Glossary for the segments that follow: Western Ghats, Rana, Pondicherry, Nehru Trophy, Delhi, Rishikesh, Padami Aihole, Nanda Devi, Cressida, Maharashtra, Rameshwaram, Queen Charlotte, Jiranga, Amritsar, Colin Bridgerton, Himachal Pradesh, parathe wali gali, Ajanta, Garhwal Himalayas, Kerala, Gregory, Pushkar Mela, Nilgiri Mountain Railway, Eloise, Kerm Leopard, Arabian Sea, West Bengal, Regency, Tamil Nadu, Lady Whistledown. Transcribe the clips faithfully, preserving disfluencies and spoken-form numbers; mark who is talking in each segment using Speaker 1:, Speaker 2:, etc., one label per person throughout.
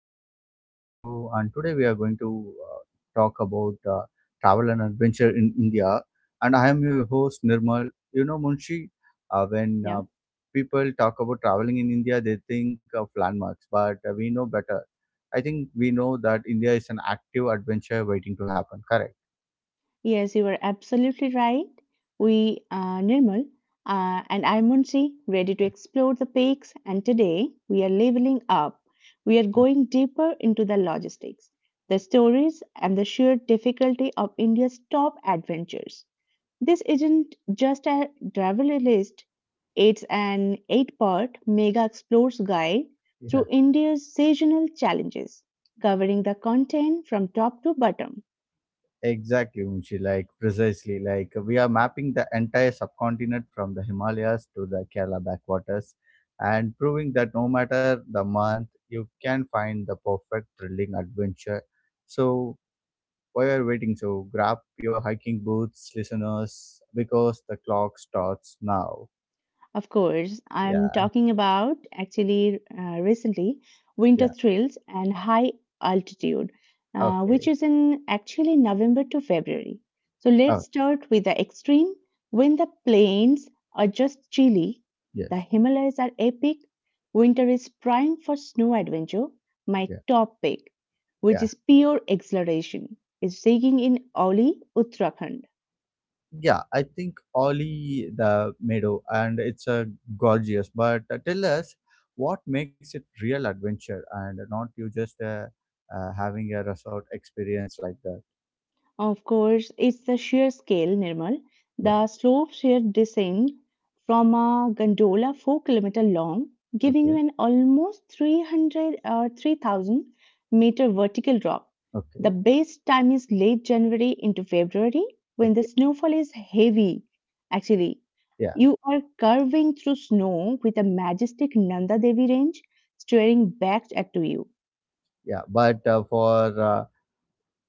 Speaker 1: interesting podcast show. And today we are going to uh, talk about uh, travel and adventure in India. And I am your host Nirmal. You know, Munshi, uh, when
Speaker 2: Yeah.
Speaker 1: uh, people talk about traveling in India, they think of landmarks, but uh, we know better. I think we know that India is an active adventure waiting to happen. Correct?
Speaker 2: Yes, you were absolutely right. We are Nirmal uh, and I'm Munshi, ready to explore the peaks. And today we are leveling up. We are going deeper into the logistics, the stories, and the sheer difficulty of India's top adventures. This isn't just a travel list, it's an eight part mega explores guide
Speaker 1: Yeah.
Speaker 2: through India's seasonal challenges, covering the content from top to bottom.
Speaker 1: Exactly, Munshi. Like precisely, like we are mapping the entire subcontinent from the Himalayas to the Kerala backwaters, and proving that no matter the month, you can find the perfect thrilling adventure. So while you're waiting, so grab your hiking boots, listeners, because the clock starts now.
Speaker 2: Of course, I'm
Speaker 1: Yeah,
Speaker 2: talking about actually uh, recently
Speaker 1: yeah.
Speaker 2: winter thrills and high altitude, uh, which
Speaker 1: Okay.
Speaker 2: is in actually November to February. So let's
Speaker 1: Oh,
Speaker 2: start with the extreme. When the plains are just chilly,
Speaker 1: yes.
Speaker 2: the Himalayas are epic. Winter is prime for snow adventure. My
Speaker 1: Yeah,
Speaker 2: top pick, which
Speaker 1: yeah.
Speaker 2: is pure exhilaration, is digging in Oli, Uttarakhand.
Speaker 1: Yeah, I think Oli the meadow, and it's a gorgeous. But uh, tell us what makes it real adventure, and not you just uh, uh, having a resort experience like that.
Speaker 2: Of course, it's the sheer scale, Nirmal.
Speaker 1: Yeah.
Speaker 2: The slope sheer descent from a gondola four kilometre long, giving you
Speaker 1: Okay.
Speaker 2: an almost three hundred or three thousand meter vertical drop. The
Speaker 1: Okay.
Speaker 2: best time is late January into February when the
Speaker 1: Okay.
Speaker 2: snowfall is heavy. Actually,
Speaker 1: Yeah.
Speaker 2: you are curving through snow with a majestic Nanda Devi range staring back at you.
Speaker 1: Yeah. But uh, for uh,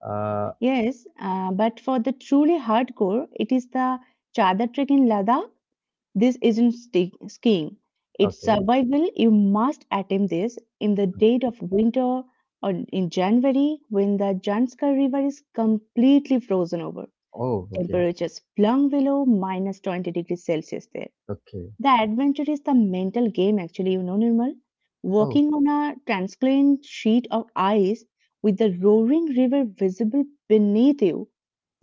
Speaker 1: uh,
Speaker 2: Yes, uh, but for the truly hardcore, it is the Chadar trek in Ladakh. This isn't sti skiing. It's
Speaker 1: okay.
Speaker 2: survival. You must attempt this in the dead of winter or in January when the Janskar River is completely frozen over.
Speaker 1: Oh. Okay.
Speaker 2: Temperatures plumb below minus twenty degrees Celsius there.
Speaker 1: Okay.
Speaker 2: The adventure is the mental game, actually, you know, Nirmal.
Speaker 1: Oh.
Speaker 2: Walking on a transparent sheet of ice with the roaring river visible beneath you,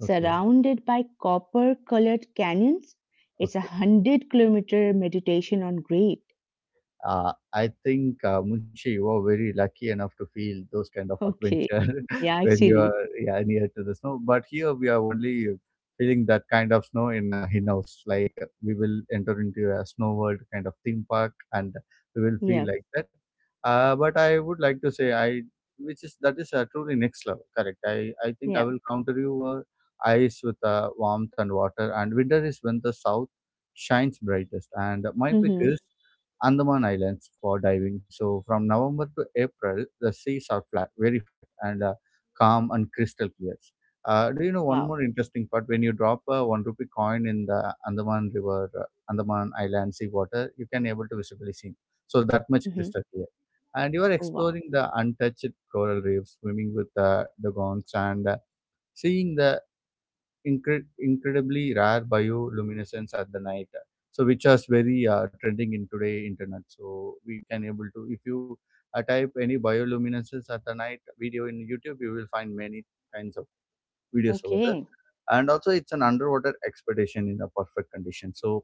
Speaker 1: Okay.
Speaker 2: by copper colored canyons, it's a
Speaker 1: Okay.
Speaker 2: one hundred kilometer meditation on great.
Speaker 1: Uh, I think, uh, Munshi, you are very lucky enough to feel those kind of
Speaker 2: Okay.
Speaker 1: adventure
Speaker 2: Yeah,
Speaker 1: when you
Speaker 2: actually.
Speaker 1: are yeah, near to the snow. But here we are only feeling that kind of snow in uh, Hinaus. Like uh, we will enter into a snow world kind of theme park, and we will
Speaker 2: Yeah.
Speaker 1: feel like that. Uh, but I would like to say I, which is that is uh, truly next level. Correct. I I think I
Speaker 2: Yeah.
Speaker 1: will counter you uh, ice with uh, warmth and water. And winter is when the south shines brightest. And my pick
Speaker 2: Mm-hmm.
Speaker 1: is Andaman Islands for diving. So from November to April, the seas are flat, very flat, and uh, calm and crystal clear. Uh, do you know one
Speaker 2: Wow.
Speaker 1: more interesting part? When you drop a one rupee coin in the Andaman River, uh, Andaman Island sea water, you can able to visibly see. So that much
Speaker 2: Mm-hmm.
Speaker 1: crystal clear. And you are
Speaker 2: Oh,
Speaker 1: exploring
Speaker 2: wow.
Speaker 1: the untouched coral reefs, swimming with uh, the gongs, and uh, seeing the incre- incredibly rare bioluminescence at the night, so which is very uh, trending in today internet. So we can able to, if you uh, type any bioluminescence at the night video in YouTube, you will find many kinds of videos over there.
Speaker 2: Okay.
Speaker 1: And also it's an underwater expedition in a perfect condition. So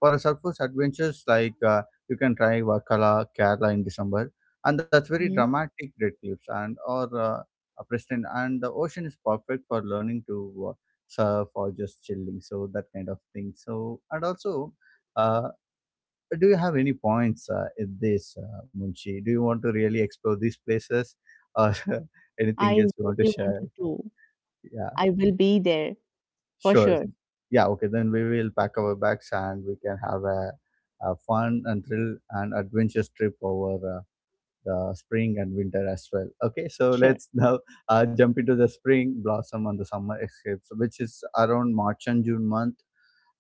Speaker 1: for a surface adventures like uh, you can try Wakala, Kerala in December, and that's very
Speaker 2: Hmm.
Speaker 1: dramatic red cliffs and or uh, uh, Preston, and the ocean is perfect for learning to uh, surf or just chilling, so that kind of thing. So and also, uh, do you have any points uh, in this, uh, Munshi? Do you want to really explore these places, or anything
Speaker 2: I
Speaker 1: else you want to
Speaker 2: really
Speaker 1: share?
Speaker 2: wanted to.
Speaker 1: Yeah.
Speaker 2: I will be there for
Speaker 1: Sure.
Speaker 2: sure.
Speaker 1: Yeah, okay. Then we will pack our bags and we can have a, a fun and thrill and adventurous trip over uh, the spring and winter as well. Okay, so
Speaker 2: Sure.
Speaker 1: let's now uh, jump into the spring blossom and the summer escapes, which is around March and June month.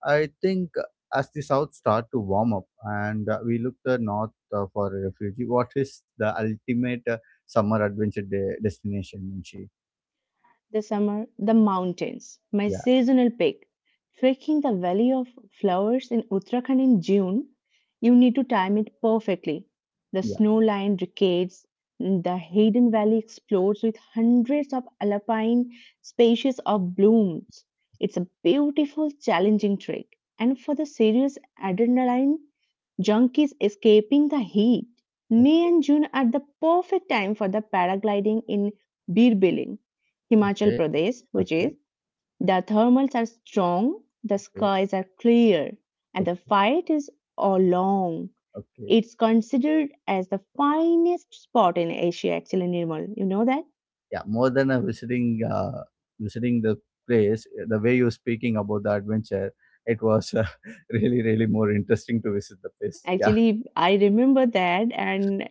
Speaker 1: I think uh, as the south start to warm up and uh, we look the north uh, for a refuge, what is the ultimate uh, summer adventure de- destination, Munshi?
Speaker 2: The summer, the mountains, my
Speaker 1: Yeah,
Speaker 2: seasonal pick. Trekking the Valley of Flowers in Uttarakhand in June, you need to time it perfectly. The
Speaker 1: yeah.
Speaker 2: snow lined decades, the hidden valley explodes with hundreds of alpine species of blooms. It's a beautiful, challenging trek. And for the serious adrenaline Junkies escaping the heat. May
Speaker 1: Okay,
Speaker 2: and June are the perfect time for the paragliding in Birbiling, Himachal
Speaker 1: okay,
Speaker 2: Pradesh, which
Speaker 1: okay,
Speaker 2: is the thermals are strong, the
Speaker 1: okay,
Speaker 2: skies are clear, and the fight is all long.
Speaker 1: okay, okay.
Speaker 2: It's considered as the finest spot in Asia, actually, Nirmal. You know that?
Speaker 1: Yeah, more than a visiting uh, visiting the place, eh, the way you're speaking about the adventure, it was uh, really really more interesting to visit the place. Yeah,
Speaker 2: Actually, I remember that, and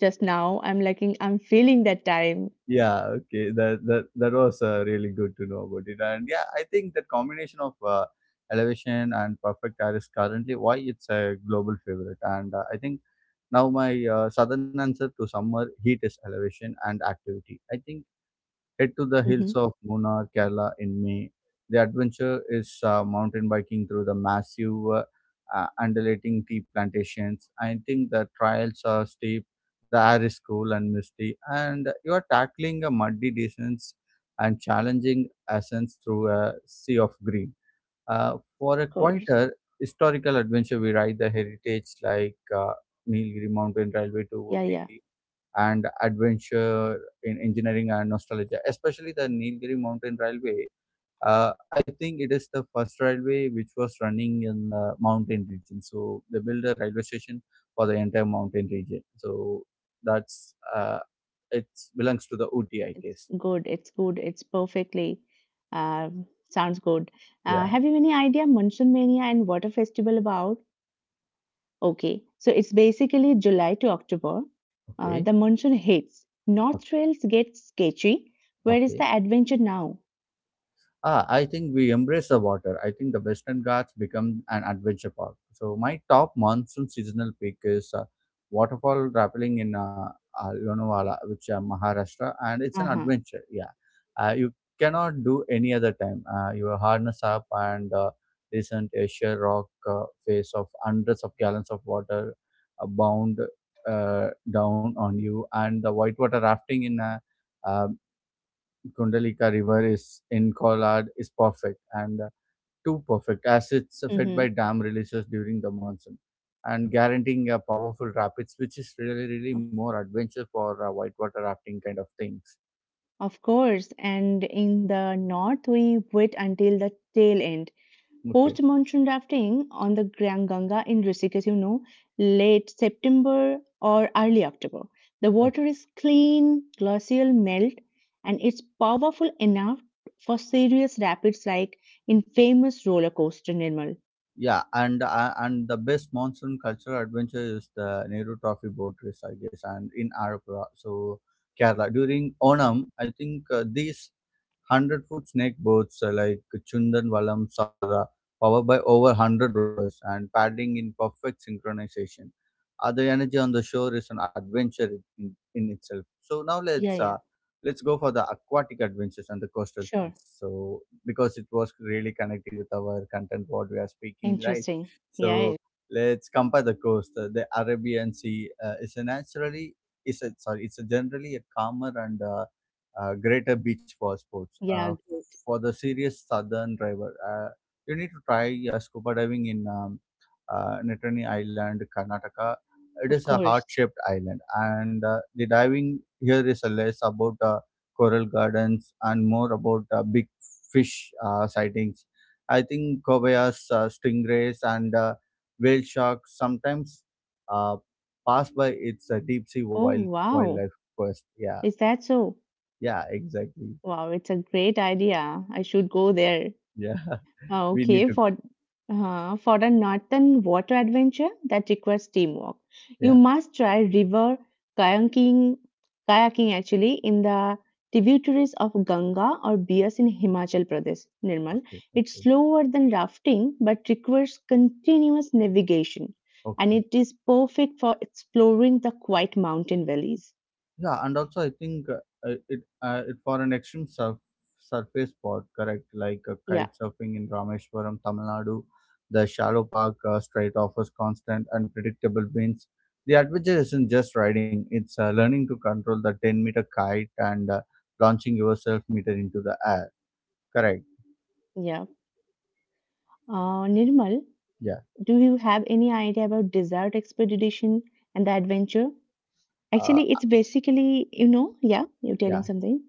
Speaker 2: just now I'm like, I'm feeling that time.
Speaker 1: yeah, okay, that that that was uh, really good to know about it. And yeah, I think that combination of uh, elevation and perfect air is currently why it's a global favorite. And uh, I think now my uh, southern answer to summer heat is elevation and activity. I think head to the hills
Speaker 2: Mm-hmm.
Speaker 1: of Munnar, Kerala in May. The adventure is uh, mountain biking through the massive uh, uh, undulating tea plantations. I think the trails are steep, the air is cool and misty, and you are tackling a muddy descents and challenging ascents through a sea of green. Uh, for a
Speaker 2: Of course.
Speaker 1: quieter historical adventure, we ride the heritage like uh, Nilgiri Mountain Railway to
Speaker 2: Yeah,
Speaker 1: Ooty
Speaker 2: yeah.
Speaker 1: and adventure in engineering and nostalgia, especially the Nilgiri Mountain Railway. Uh, I think it is the first railway which was running in the mountain region. So they built a railway station for the entire mountain region. So that's uh, it belongs to the Uti, I
Speaker 2: It's
Speaker 1: guess.
Speaker 2: good. It's good. It's perfectly um sounds good. Uh,
Speaker 1: Yeah.
Speaker 2: have you any idea Monsoon Mania and Water Festival about? Okay, so it's basically July to October.
Speaker 1: Okay.
Speaker 2: Uh, the monsoon hits. North
Speaker 1: Okay.
Speaker 2: Trails gets sketchy. Where is
Speaker 1: Okay.
Speaker 2: the adventure now?
Speaker 1: Ah, I think we embrace the water. I think the Western Ghats become an adventure park. So my top monsoon seasonal peak is uh, waterfall rappelling in uh, uh, Lonavala, which uh, Maharashtra, and it's an
Speaker 2: Uh huh.
Speaker 1: adventure. Yeah, uh, you cannot do any other time. Uh, you harness up and uh, listen to a sheer rock uh, face of hundreds of gallons of water uh, bound uh, down on you, and the whitewater rafting in. Uh, uh, Kundalika River is in Collard is perfect and uh, too perfect as it's fed
Speaker 2: Mm-hmm.
Speaker 1: by dam releases during the monsoon and guaranteeing a powerful rapids, which is really, really
Speaker 2: Of,
Speaker 1: more adventure for uh, whitewater rafting kind of things.
Speaker 2: of course. And in the north, we wait until the tail end.
Speaker 1: Okay,
Speaker 2: Post monsoon rafting on the Grand Ganga in Rishikesh, you know, late September or early October. The
Speaker 1: okay,
Speaker 2: water is clean, glacial melt, and it's powerful enough for serious rapids like in famous roller coaster Nirmal.
Speaker 1: yeah, and uh, and the best monsoon cultural adventure is the Nehru Trophy boat race, I guess, and in Arapura, so Kerala during Onam. I think uh, these one hundred foot snake boats uh, like Chundanvalams are uh, powered by over one hundred rovers and paddling in perfect synchronization. Uh, the energy on the shore is an adventure in, in itself. So now
Speaker 2: Yeah,
Speaker 1: let's
Speaker 2: yeah,
Speaker 1: uh, let's go for the aquatic adventures and the coastal
Speaker 2: sure.
Speaker 1: thrills. So because it was really connecting with our content what we are speaking right.
Speaker 2: Interesting.
Speaker 1: So
Speaker 2: Yeah,
Speaker 1: let's compare the coast. Uh, The Arabian Sea uh, is a naturally is a, sorry, it's a generally a calmer and uh, uh, greater beach for sports. Uh,
Speaker 2: yeah, good.
Speaker 1: for the serious southern driver, uh, you need to try uh, scuba diving in um, uh, Nittany Island, Karnataka. It
Speaker 2: Of
Speaker 1: is a
Speaker 2: course.
Speaker 1: heart-shaped island, and uh, the diving here is less about uh, coral gardens and more about uh, big fish uh, sightings. I think kobayas, uh, stingrays, and uh, whale sharks sometimes uh, pass by its uh, deep sea
Speaker 2: Oh,
Speaker 1: wild wildlife
Speaker 2: wow.
Speaker 1: quest. Yeah,
Speaker 2: Is that so?
Speaker 1: yeah, exactly.
Speaker 2: Wow, it's a great idea. I should go there.
Speaker 1: Yeah,
Speaker 2: Ah,
Speaker 1: we need
Speaker 2: okay,
Speaker 1: to.
Speaker 2: for uh, for a northern water adventure that requires teamwork, you
Speaker 1: Yeah.
Speaker 2: must try river kayaking, kayaking actually in the tributaries of Ganga or Bias in Himachal Pradesh, Nirmal.
Speaker 1: Okay.
Speaker 2: It's
Speaker 1: Okay.
Speaker 2: slower than rafting but requires continuous navigation, and
Speaker 1: Okay.
Speaker 2: it is perfect for exploring the quiet mountain valleys.
Speaker 1: Yeah, and also I think uh, uh, it uh, it for an extreme surf surface sport, correct? Like uh,
Speaker 2: Yeah,
Speaker 1: kite surfing in Rameshwaram, Tamil Nadu, the shallow park uh, strait offers constant and predictable winds. The adventure isn't just riding; it's uh, learning to control the ten meter kite and uh, launching yourself meter into the air. Correct.
Speaker 2: yeah. Uh, Nirmal,
Speaker 1: Yeah.
Speaker 2: do you have any idea about desert expedition and the adventure?
Speaker 1: Uh,
Speaker 2: Actually, it's basically, you know, yeah, you're telling
Speaker 1: yeah.
Speaker 2: something,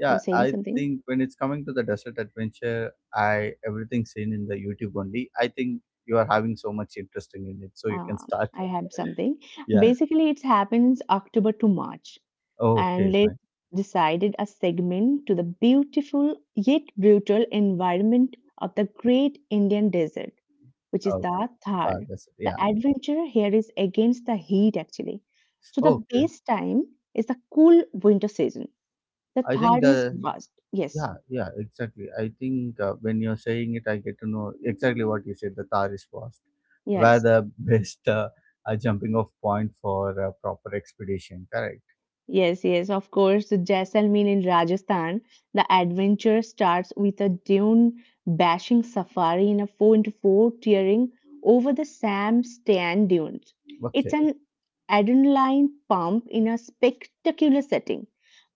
Speaker 1: Yeah,
Speaker 2: you're saying
Speaker 1: I
Speaker 2: something.
Speaker 1: think when it's coming to the desert adventure, I everything seen in the YouTube only. I think you are having so much interesting in it, so you can
Speaker 2: Um,
Speaker 1: start.
Speaker 2: I have something.
Speaker 1: Yeah.
Speaker 2: Basically, it happens October to March,
Speaker 1: Okay.
Speaker 2: and
Speaker 1: Fine.
Speaker 2: let's decided a segment to the beautiful yet brutal environment of the great Indian desert, which is
Speaker 1: Okay.
Speaker 2: the Thar.
Speaker 1: Uh, that's it.
Speaker 2: The
Speaker 1: Yeah.
Speaker 2: adventure here is against the heat, actually. So the
Speaker 1: Okay.
Speaker 2: best time is the cool winter season. The
Speaker 1: I think
Speaker 2: Thar is
Speaker 1: the
Speaker 2: vast. Yes,
Speaker 1: Yeah, yeah, exactly. I think uh, when you're saying it, I get to know exactly what you said. The Tar is fast, where
Speaker 2: yes.
Speaker 1: the best uh, uh, jumping off point for a proper expedition. Correct.
Speaker 2: Yes, yes, of course. Jaisalmer in Rajasthan, the adventure starts with a dune bashing safari in a four into four tearing over the Sam Stan dunes. It's
Speaker 1: Okay.
Speaker 2: an adrenaline pump in a spectacular setting.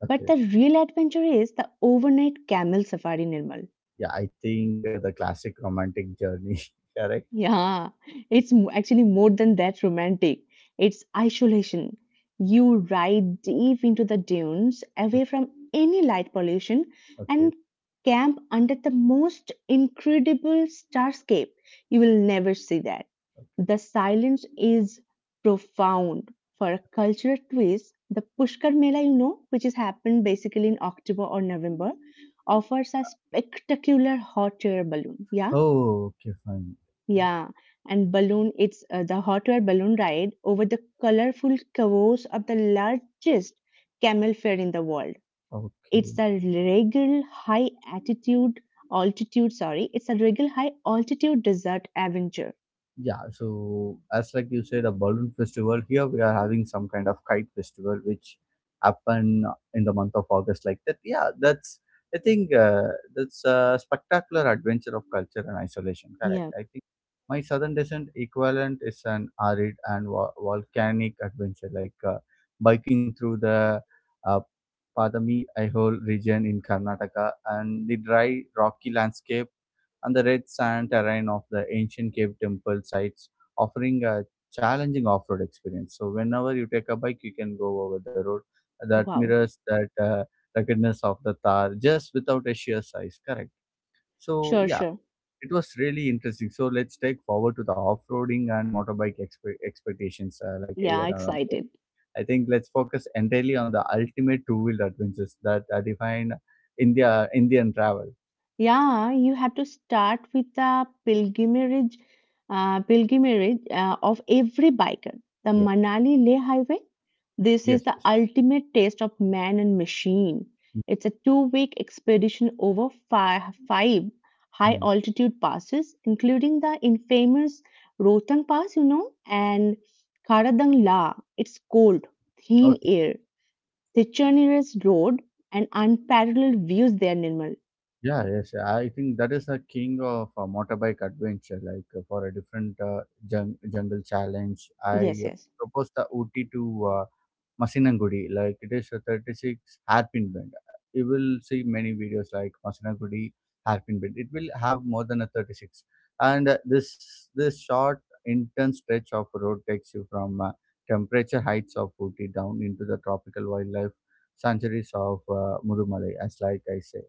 Speaker 2: But the real adventure is the overnight camel safari, Nirmal.
Speaker 1: Yeah, I think uh, the classic romantic journey. Correct.
Speaker 2: Yeah, it's m- actually more than that romantic. It's isolation. You ride deep into the dunes, away
Speaker 1: Okay.
Speaker 2: from any light pollution,
Speaker 1: Okay.
Speaker 2: and camp under the most incredible starscape. You will never see that. The silence is profound. For a cultural twist, the Pushkar Mela, you know, which is happened basically in October or November, offers a spectacular hot air balloon. Yeah.
Speaker 1: Oh, okay, fine. Yeah.
Speaker 2: Yeah, and balloon, it's uh, the hot air balloon ride over the colorful covers of the largest camel fair in the world. It's
Speaker 1: Okay.
Speaker 2: a regal high altitude, altitude, sorry, it's a regal high altitude desert adventure.
Speaker 1: Yeah, so as like you said, a balloon festival. Here we are having some kind of kite festival, which happen in the month of August. Like that, yeah, that's I think uh, that's a spectacular adventure of culture and isolation. Correct.
Speaker 2: Yeah,
Speaker 1: I think my southern descent equivalent is an arid and vo- volcanic adventure, like uh, biking through the uh, Padami Aihole region in Karnataka and the dry rocky landscape and the red sand terrain of the ancient cave temple sites, offering a challenging off road experience. So, whenever you take a bike, you can go over the road that
Speaker 2: wow.
Speaker 1: mirrors that uh, ruggedness of the Thar just without a sheer size, correct? So,
Speaker 2: Sure,
Speaker 1: yeah,
Speaker 2: sure.
Speaker 1: it was really interesting. So, let's take forward to the off roading and motorbike expe- expectations uh, like a
Speaker 2: Yeah,
Speaker 1: year around.
Speaker 2: excited.
Speaker 1: I think let's focus entirely on the ultimate two wheel adventures that uh, define India Indian travel.
Speaker 2: Yeah, you have to start with the pilgrimage, uh, pilgrimage uh, of every biker. The
Speaker 1: Yeah.
Speaker 2: Manali Leh Highway. This is
Speaker 1: Yes.
Speaker 2: the
Speaker 1: Yes.
Speaker 2: ultimate test of man and machine. It's a two-week expedition over five, five
Speaker 1: Mhm.
Speaker 2: high-altitude passes, including the infamous Rohtang Pass, you know, and Karadang La. It's cold, thin
Speaker 1: Okay.
Speaker 2: air, the treacherous road, and unparalleled views there, Nirmal.
Speaker 1: Yeah, yes, yeah, I think that is a king of uh, motorbike adventure. Like uh, for a different uh, jung- jungle challenge, I
Speaker 2: Yes,
Speaker 1: uh,
Speaker 2: yes.
Speaker 1: propose the Ooty to uh, Masinagudi. Like it is a thirty-six hairpin bend. You will see many videos like Masinagudi hairpin bend. It will have more than a thirty-six. And uh, this this short intense stretch of road takes you from uh, temperature heights of Ooty down into the tropical wildlife sanctuaries of uh, Mudumalai, as like I say.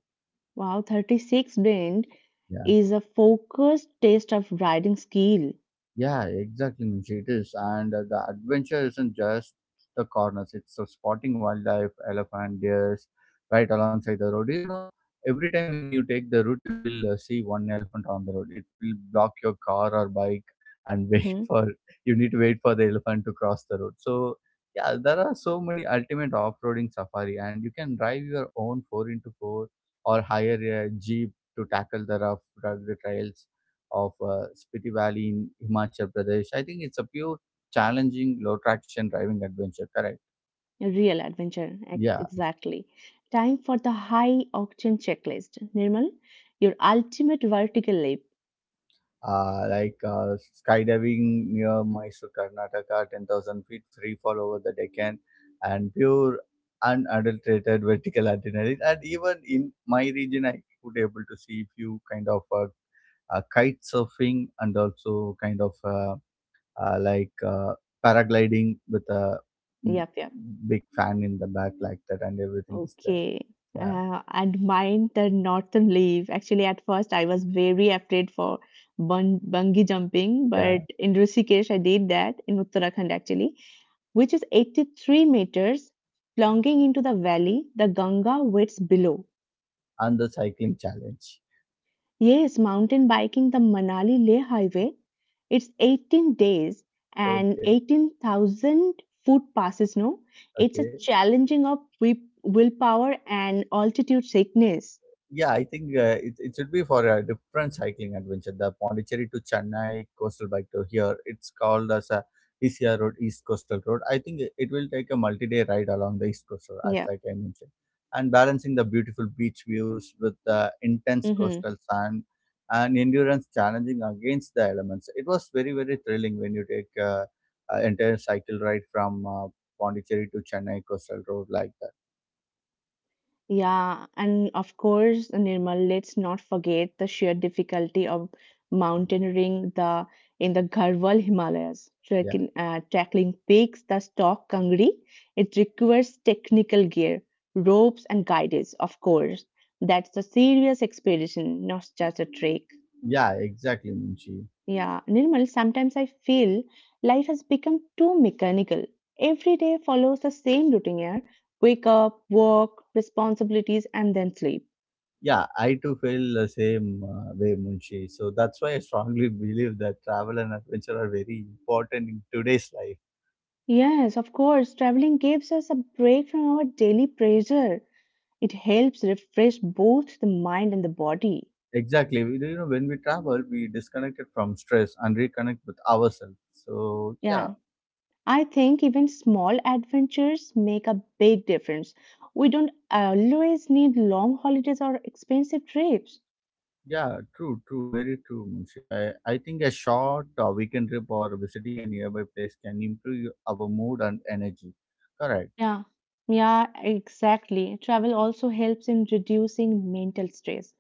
Speaker 2: Wow, thirty-six Blend
Speaker 1: Yeah.
Speaker 2: is a focused taste of riding skill.
Speaker 1: Yeah, exactly, Nimshi. It is. And uh, the adventure isn't just the corners, it's the spotting wildlife, elephant, deers, right alongside the road. You know, every time when you take the route, you will uh, see one elephant on the road. It will block your car or bike and wait
Speaker 2: Mhm.
Speaker 1: for, you need to wait for the elephant to cross the road. So, yeah, there are so many ultimate off roading safari, and you can drive your own four into four or hire a jeep to tackle the rough rugged trails of uh, Spiti Valley in Himachal Pradesh. I think it's a pure challenging low traction driving adventure. Correct.
Speaker 2: A real adventure, ex-
Speaker 1: Yeah.
Speaker 2: exactly. Time for the high octane checklist. Nirmal, your ultimate vertical leap.
Speaker 1: Uh, like uh, Skydiving near Mysore, Karnataka, ten thousand feet free fall over the Deccan, and pure unadulterated vertical adrenaline. And even in my region, I could able to see few kind of uh, uh, kite surfing and also kind of uh, uh, like uh, paragliding with a mm,
Speaker 2: Yep, yep.
Speaker 1: big fan in the back like that, and everything is there.
Speaker 2: Okay.
Speaker 1: Yeah,
Speaker 2: Uh, and mine, the northern leap. Actually, at first, I was very afraid for bun- bungee jumping,
Speaker 1: yeah.
Speaker 2: but in Rishikesh, I did that in Uttarakhand actually, which is eighty-three meters, plunging into the valley the Ganga waits below.
Speaker 1: And the cycling challenge.
Speaker 2: Yes, mountain biking the Manali Leh Highway. It's eighteen days and
Speaker 1: Okay,
Speaker 2: eighteen thousand foot passes. No, it's a
Speaker 1: okay.
Speaker 2: challenging of wi- willpower and altitude sickness.
Speaker 1: Yeah, I think uh, it, it should be for a different cycling adventure. The Pondicherry to Chennai coastal bike tour here. It's called as a E C R road, East Coastal Road. I think it it will take a multi-day ride along the East Coastal, as
Speaker 2: Yeah.
Speaker 1: like I mentioned, and balancing the beautiful beach views with the intense
Speaker 2: Hmm.
Speaker 1: coastal sand and endurance challenging against the elements. It was very very thrilling when you take uh, an entire cycle ride from uh, Pondicherry to Chennai coastal road like that.
Speaker 2: Yeah, and of course, Nirmal, let's not forget the sheer difficulty of mountaineering the in the Garhwal Himalayas,
Speaker 1: Yeah,
Speaker 2: tracking, uh, tackling peaks that stalk Kangri. It requires technical gear, ropes, and guidance, of course. That's a serious expedition, not just a trek.
Speaker 1: yeah, exactly, Munshi.
Speaker 2: Yeah, Nirmal, sometimes I feel life has become too mechanical. Every day follows the same routine, yeah? Wake up, work, responsibilities, and then sleep.
Speaker 1: Yeah, I too feel the same uh, way, Munshi. So that's why I strongly believe that travel and adventure are very important in today's life.
Speaker 2: Yes, of course. Traveling gives us a break from our daily pressure. It helps refresh both the mind and the body.
Speaker 1: Exactly. We, you know, when we travel, we disconnect it from stress and reconnect with ourselves. So yeah,
Speaker 2: Yeah. I think even small adventures make a big difference. We don't always need long holidays or expensive trips.
Speaker 1: yeah, true, true, very true, Munshi. I, I think a short uh, weekend trip or visiting a nearby place can improve our mood and energy. Correct.
Speaker 2: Yeah. Yeah, exactly. Travel also helps in reducing mental stress.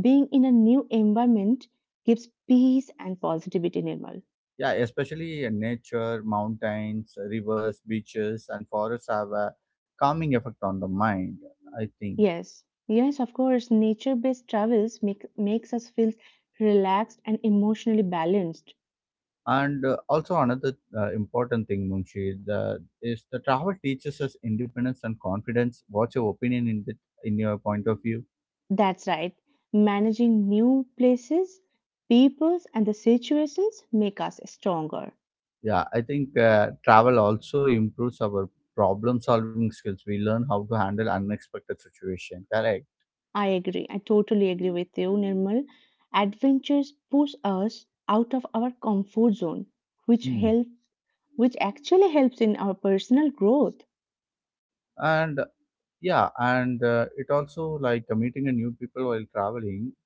Speaker 2: Being in a new environment gives peace and positivity, Nirmal.
Speaker 1: Yeah, especially in nature, mountains, rivers, beaches, and forests have a calming effect on the mind, I think.
Speaker 2: Yes, yes, of course. Nature-based travels make, makes us feel relaxed and emotionally balanced.
Speaker 1: And uh, also another uh, important thing, Munshi, the, is the travel teaches us independence and confidence. What's your opinion in the, in your point of view?
Speaker 2: That's right. Managing new places, peoples, and the situations make us stronger.
Speaker 1: Yeah, I think uh, travel also improves our problem solving skills. We learn how to handle unexpected situation. Correct.
Speaker 2: I agree. I totally agree with you, Nirmal. Adventures push us out of our comfort zone, which
Speaker 1: Hmm.
Speaker 2: help, which actually helps in our personal growth.
Speaker 1: And yeah, and uh, it also like uh, meeting a new people while traveling,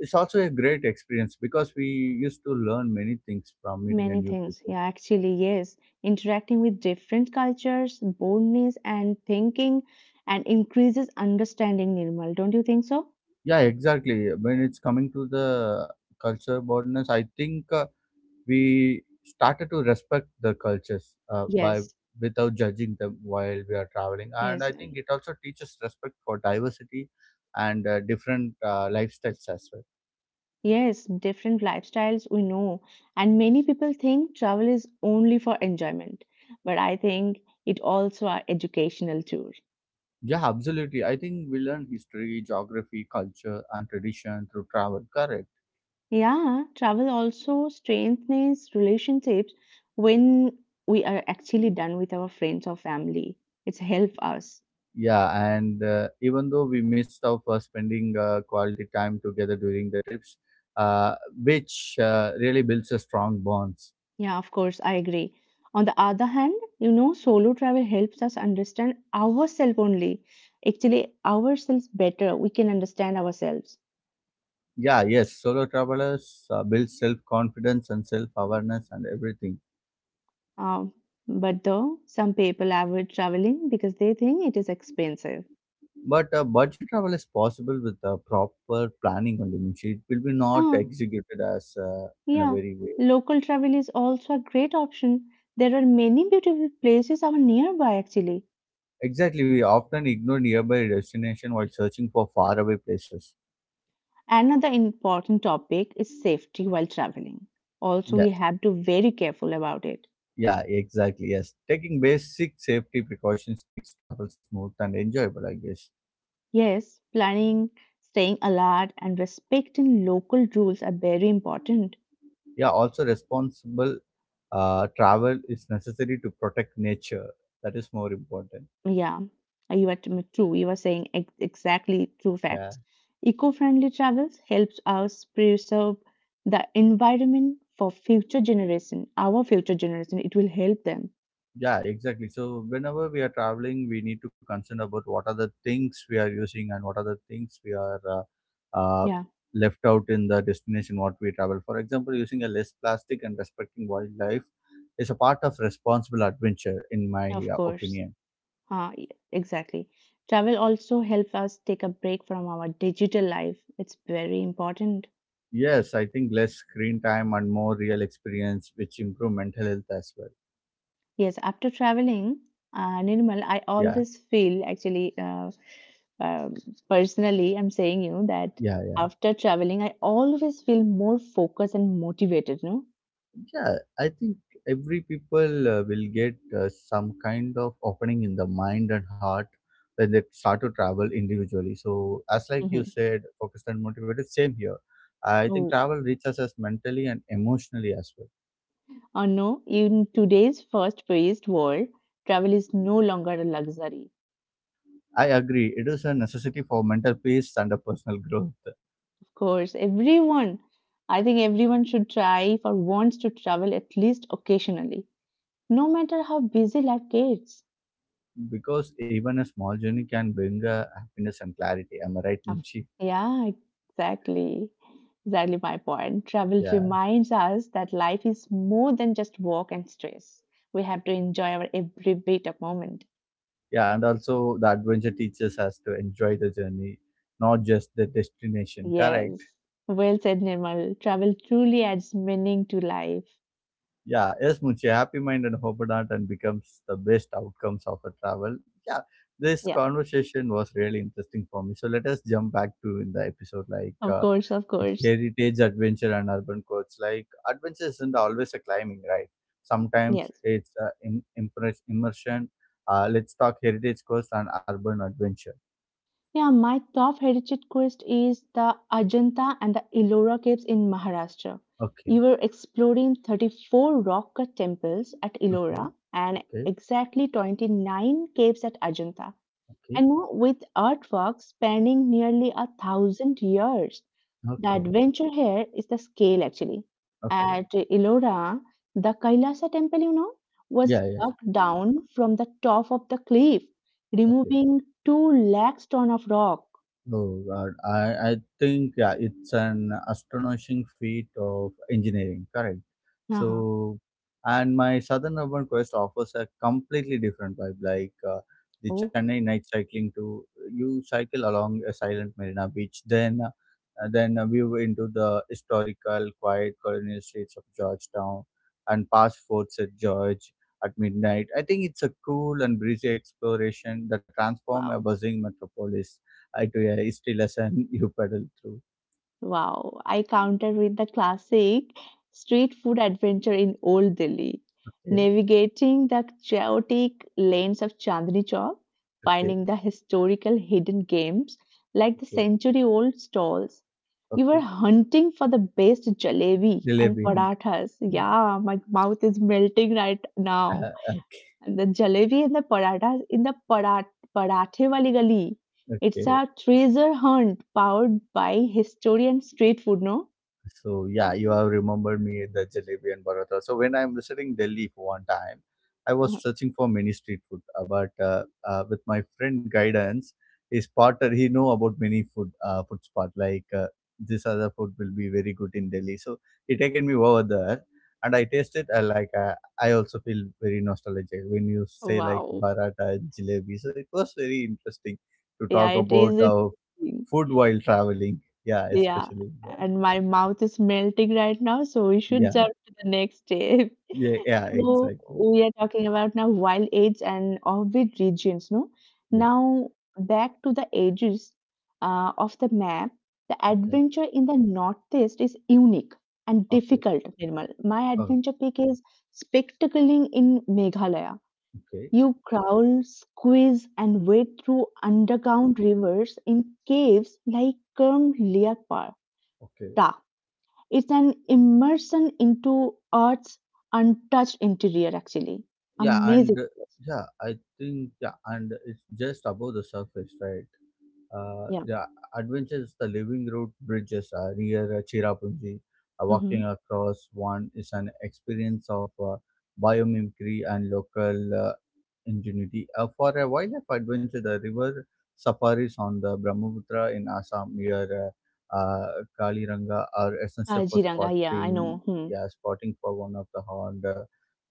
Speaker 1: it's also a great experience because we used to learn many things from meeting a
Speaker 2: Many
Speaker 1: new
Speaker 2: things.
Speaker 1: people.
Speaker 2: Yeah, actually, yes. Interacting with different cultures, boldness, and thinking, and increases understanding, Nirmal. Don't you think so?
Speaker 1: Yeah, exactly. When it's coming to the culture boldness, I think uh, we started to respect the cultures uh, by
Speaker 2: Yes,
Speaker 1: without judging them while we are traveling, and
Speaker 2: yes,
Speaker 1: I think
Speaker 2: and-
Speaker 1: it also teaches respect for diversity and uh, different uh, lifestyles as well.
Speaker 2: yes. Different lifestyles we know, and many people think travel is only for enjoyment, but I think it also are educational tour.
Speaker 1: Yeah, absolutely. I think we learn history, geography, culture, and tradition through travel. Correct.
Speaker 2: Yeah, travel also strengthens relationships when we are actually done with our friends or family. It's help us.
Speaker 1: Yeah, and uh, even though we missed out for spending uh, quality time together during the trips, uh, which uh, really builds a strong bonds.
Speaker 2: Yeah, of course, I agree. On the other hand, you know, solo travel helps us understand ourselves only. Actually, ourselves better. We can understand ourselves.
Speaker 1: Yeah, yes, solo travelers uh, build self confidence and self awareness and everything.
Speaker 2: Um, but though some people avoid traveling because they think it is expensive.
Speaker 1: But uh, budget travel is possible with uh, proper planning only. Means It will be not
Speaker 2: Ah,
Speaker 1: executed as uh, in a
Speaker 2: yeah.
Speaker 1: very way.
Speaker 2: Local travel is also a great option. There are many beautiful places are nearby actually.
Speaker 1: Exactly, we often ignore nearby destination while searching for faraway places.
Speaker 2: Another important topic is safety while traveling. Also,
Speaker 1: Yeah,
Speaker 2: we have to very careful about it.
Speaker 1: yeah, exactly. Yes, taking basic safety precautions makes travel smooth and enjoyable, I guess.
Speaker 2: Yes, planning, staying alert, and respecting local rules are very important.
Speaker 1: Yeah, also responsible uh, travel is necessary to protect nature. That is more important.
Speaker 2: Yeah, you are t- true. You are saying ex- exactly true
Speaker 1: Yeah.
Speaker 2: facts. Eco-friendly travels helps us preserve the environment for future generation, our future generation. It will help them.
Speaker 1: Yeah, exactly. So whenever we are traveling, we need to concern about what are the things we are using and what are the things we are uh, uh,
Speaker 2: Yeah,
Speaker 1: left out in the destination what we travel. For example, using a less plastic and respecting wildlife is a part of responsible adventure, in my
Speaker 2: of
Speaker 1: uh,
Speaker 2: course.
Speaker 1: opinion.
Speaker 2: Uh, y- exactly. Travel also helps us take a break from our digital life. It's very important.
Speaker 1: Yes, I think less screen time and more real experience, which improve mental health as well.
Speaker 2: Yes, after traveling, uh, Nirmal, I
Speaker 1: Yeah,
Speaker 2: always feel actually, uh, uh, personally, I'm saying you that
Speaker 1: yeah,
Speaker 2: after traveling, I always feel more focused and motivated, no?
Speaker 1: yeah, I think every people uh, will get uh, some kind of opening in the mind and heart when they start to travel individually, so as like you
Speaker 2: Mm-hmm.
Speaker 1: said focused and motivated, same here. I think
Speaker 2: Oh,
Speaker 1: travel reaches us mentally and emotionally as well.
Speaker 2: oh no, in today's first paced world, travel is no longer a luxury.
Speaker 1: I agree, it is a necessity for mental peace and a personal growth
Speaker 2: Of course, everyone, I think everyone should try or wants to travel at least occasionally, no matter how busy life gets.
Speaker 1: because even a small journey can bring uh, happiness and clarity, am I right,
Speaker 2: Of-
Speaker 1: Munshi?
Speaker 2: Yeah, exactly. Exactly my point. Travel
Speaker 1: Yeah.
Speaker 2: reminds us that life is more than just work and stress. We have to enjoy our every bit of moment.
Speaker 1: Yeah, and also the adventure teaches us to enjoy the journey, not just the destination. Correct.
Speaker 2: Yes. Well said, Nirmal. Travel truly adds meaning to life.
Speaker 1: Yeah. Yes, Muchi, happy mind and hope heart and becomes the best outcomes of a travel. Yeah. This
Speaker 2: Yeah,
Speaker 1: conversation was really interesting for me. So let us jump back to in the episode like
Speaker 2: of
Speaker 1: uh,
Speaker 2: course, of course.
Speaker 1: heritage, adventure, and urban quotes. Like adventure isn't always a climbing, right? Sometimes
Speaker 2: Yes.
Speaker 1: it's uh, im- impress- immersion. Uh, let's talk heritage course and urban adventure.
Speaker 2: Yeah, my top heritage quest is the Ajanta and the Ellora caves in Maharashtra.
Speaker 1: Okay.
Speaker 2: You were exploring thirty-four rock cut temples at
Speaker 1: Okay.
Speaker 2: Ellora and
Speaker 1: Okay.
Speaker 2: exactly twenty-nine caves at Ajanta.
Speaker 1: Okay.
Speaker 2: And now with artworks spanning nearly a thousand years, the
Speaker 1: Okay.
Speaker 2: adventure here is the scale actually.
Speaker 1: Okay.
Speaker 2: At Ellora, the Kailasa temple, you know, was
Speaker 1: Yeah, yes.
Speaker 2: dug down from the top of the cliff,
Speaker 1: Okay.
Speaker 2: removing two lakhs ton of rock.
Speaker 1: Oh God, I, I think yeah, it's an astonishing feat of engineering, correct?
Speaker 2: Uh-huh.
Speaker 1: So, and my Southern Urban Quest offers a completely different vibe, like uh, the
Speaker 2: Oh,
Speaker 1: Chennai night cycling. To you cycle along a silent Marina Beach, then uh, then a view into the historical, quiet colonial streets of Georgetown, and past forts at George at midnight. I think it's a cool and breezy exploration that transform a
Speaker 2: wow.
Speaker 1: buzzing metropolis. I do a history lesson. You paddle through.
Speaker 2: Wow. I countered with the classic street food adventure in Old Delhi,
Speaker 1: Okay,
Speaker 2: navigating the chaotic lanes of Chandni Chowk,
Speaker 1: okay,
Speaker 2: finding the historical hidden games like the
Speaker 1: okay,
Speaker 2: century-old stalls. You
Speaker 1: okay.
Speaker 2: were hunting for the best jalebi and
Speaker 1: Jalebi and
Speaker 2: parathas.
Speaker 1: yeah.
Speaker 2: Yeah, my mouth is melting right now.
Speaker 1: Uh,
Speaker 2: The jalebi and the paratha in the parat- parathe wali gali.
Speaker 1: okay,
Speaker 2: It's
Speaker 1: okay.
Speaker 2: a treasure hunt powered by history and street food, no?
Speaker 1: So yeah, you have remembered me the jalebi and paratha. So when I'm visiting Delhi for one time, I was searching for many street food, uh, but uh, uh, with my friend guidance, his partner he know about many food uh, food spot like uh, this other food will be very good in Delhi. So he taken me over there, and I tasted. I like uh, I also feel very nostalgic when you say like
Speaker 2: Wow.
Speaker 1: paratha and jalebi. So it was very interesting to
Speaker 2: Yeah,
Speaker 1: talk
Speaker 2: it is
Speaker 1: about uh,
Speaker 2: interesting.
Speaker 1: food while traveling. Yeah,
Speaker 2: Yeah.
Speaker 1: especially yeah.
Speaker 2: And my mouth is melting right now, so we should jump
Speaker 1: Yeah.
Speaker 2: to the next step.
Speaker 1: Yeah, yeah,
Speaker 2: So
Speaker 1: exactly.
Speaker 2: we are talking about now wild age and orbit regions, no?
Speaker 1: Yeah.
Speaker 2: Now back to the ages uh, of the map. The
Speaker 1: Okay.
Speaker 2: adventure in the northeast is unique and
Speaker 1: Okay.
Speaker 2: difficult, Nirmal. My
Speaker 1: Oh,
Speaker 2: adventure pick is spectacling in Meghalaya.
Speaker 1: okay.
Speaker 2: You crawl, squeeze, and wade through underground rivers in caves like Kerm Leopard.
Speaker 1: Okay.
Speaker 2: It's an immersion into Earth's untouched interior, actually.
Speaker 1: Yeah, and
Speaker 2: Amazing
Speaker 1: uh,
Speaker 2: place.
Speaker 1: yeah, I think yeah, and it's just above the surface, right? Uh,
Speaker 2: Yeah.
Speaker 1: the adventures, the living route bridges uh, near uh, Chirapunji. Uh, walking
Speaker 2: Mm-hmm.
Speaker 1: across one is an experience of uh, biomimicry and local uh, ingenuity. Uh, for a wildlife adventure, the river safaris on the Brahmaputra in Assam near uh, uh, Kaliranga are
Speaker 2: Uh,
Speaker 1: essential for
Speaker 2: Jiranga, yeah, I
Speaker 1: spotting.
Speaker 2: know. Hmm.
Speaker 1: Yeah, spotting for one of the horned uh,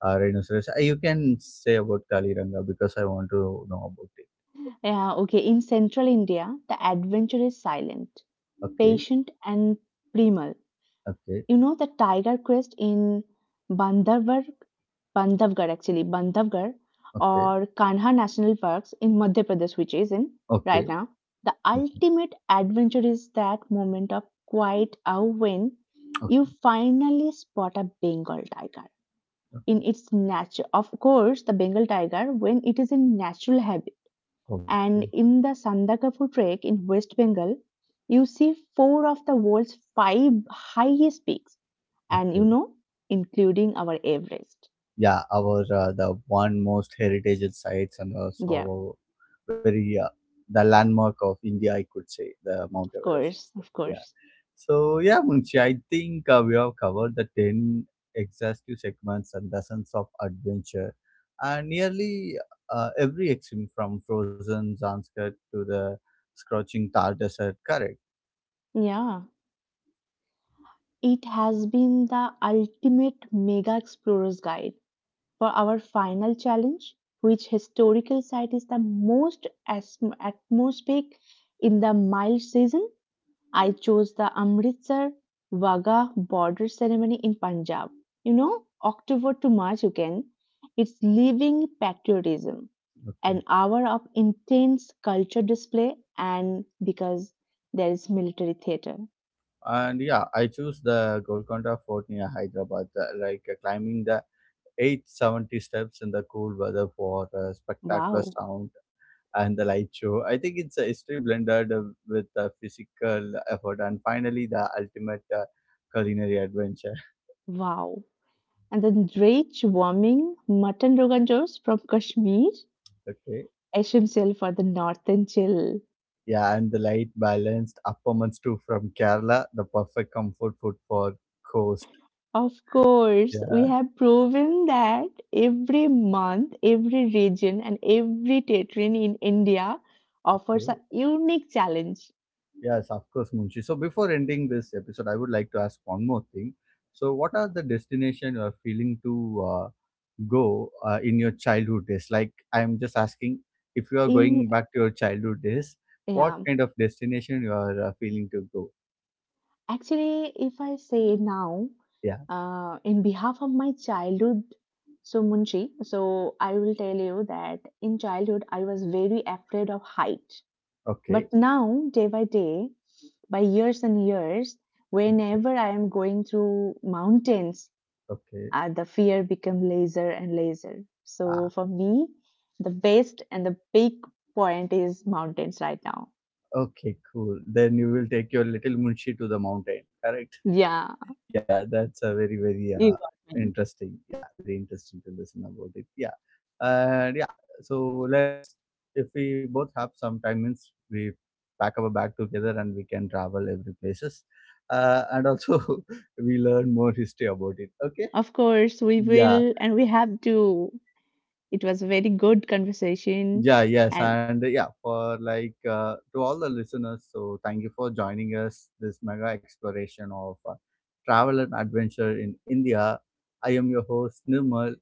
Speaker 1: uh, rhinoceros. Uh, you can say about Kaliranga because I want to know about it.
Speaker 2: Yeah, okay. In central India, the adventure is silent,
Speaker 1: Okay,
Speaker 2: patient, and primal.
Speaker 1: okay,
Speaker 2: You know the tiger crest in Bandhavgarh, Bandhavgarh actually, Bandhavgarh
Speaker 1: okay,
Speaker 2: or Kanha National Parks in Madhya Pradesh, which is in
Speaker 1: okay,
Speaker 2: right now. The ultimate adventure is that moment of quiet awe when
Speaker 1: okay,
Speaker 2: you finally spot a Bengal tiger in
Speaker 1: okay,
Speaker 2: its natural. Of course, the Bengal tiger when it is in natural habit.
Speaker 1: okay, okay.
Speaker 2: And in the Sandakafu trek in West Bengal, you see four of the world's five highest peaks and you
Speaker 1: Okay.
Speaker 2: know, including our Everest.
Speaker 1: Yeah, our uh, the one most heritage sites and also
Speaker 2: Yeah,
Speaker 1: our very uh, the landmark of india, I could say the mount
Speaker 2: of
Speaker 1: everest as
Speaker 2: course, of
Speaker 1: well. Yeah.
Speaker 2: course.
Speaker 1: So yeah, Munshi, I think uh, we have covered the ten exhaustive segments and dozens of adventure and nearly uh, every extreme from frozen zanskar to the scorching thar desert, correct?
Speaker 2: Yeah, it has been the ultimate mega explorer's guide for our final challenge, which historical site is the most as atmospheric in the mild season. I chose the Amritsar Wagah border ceremony in Punjab. You know, October to March again. It's living patriotism.
Speaker 1: Okay.
Speaker 2: An hour of intense culture display, and because there is military theater.
Speaker 1: And yeah, I choose the Golconda Fort near Hyderabad, the- like uh, climbing the eight seventy steps in the cool weather for a spectacular
Speaker 2: Wow,
Speaker 1: sound and the light show. I think it's a history blended uh, with the physical effort and finally the ultimate uh, culinary adventure.
Speaker 2: wow. And then rich, warming mutton rogan josh from Kashmir,
Speaker 1: Okay.
Speaker 2: essential for the northern chill.
Speaker 1: Yeah, and the light balanced upper months too from Kerala, the perfect comfort food for coast.
Speaker 2: Of course,
Speaker 1: Yeah.
Speaker 2: we have proven that every month, every region, and every territory in India
Speaker 1: Okay.
Speaker 2: offers a unique challenge.
Speaker 1: Yes, of course, Munshi. So before ending this episode, I would like to ask one more thing. So, what are the destination you are feeling to uh, go uh, in your childhood days? Like, I'm just asking if you are going
Speaker 2: In
Speaker 1: back to your childhood days, what
Speaker 2: yeah,
Speaker 1: kind of destination you are uh, feeling to go?
Speaker 2: actually, if I say now,
Speaker 1: Yeah.
Speaker 2: uh, in behalf of my childhood, so Munshi, so I will tell you that in childhood I was very afraid of height.
Speaker 1: Okay.
Speaker 2: But now, day by day, by years and years, whenever I am going through mountains,
Speaker 1: Okay.
Speaker 2: uh, the fear become laser and laser. So
Speaker 1: Ah,
Speaker 2: for me, the best and the big point is mountains right now.
Speaker 1: okay. Cool. Then you will take your little Munshi to the mountain. Correct.
Speaker 2: Yeah,
Speaker 1: Yeah, that's a very very
Speaker 2: you
Speaker 1: uh,
Speaker 2: got me.
Speaker 1: interesting, yeah, very interesting to listen about it. Yeah. And yeah, so let's, if we both have some time means we pack our bag together and we can travel every places uh, and also we learn more history about it, okay.
Speaker 2: Of course, we
Speaker 1: Yeah.
Speaker 2: will and we have to. It was a very good conversation
Speaker 1: Yeah, yes.
Speaker 2: and
Speaker 1: And yeah, for like uh, to all the listeners, so thank you for joining us this mega exploration of uh, travel and adventure in india. I am your host Nirmal.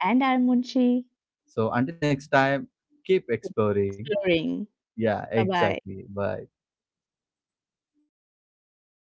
Speaker 2: and I'm Munshi
Speaker 1: So until next time, keep exploring.
Speaker 2: exploring.
Speaker 1: Yeah,
Speaker 2: Bye bye.
Speaker 1: exactly. Bye. So Munshi,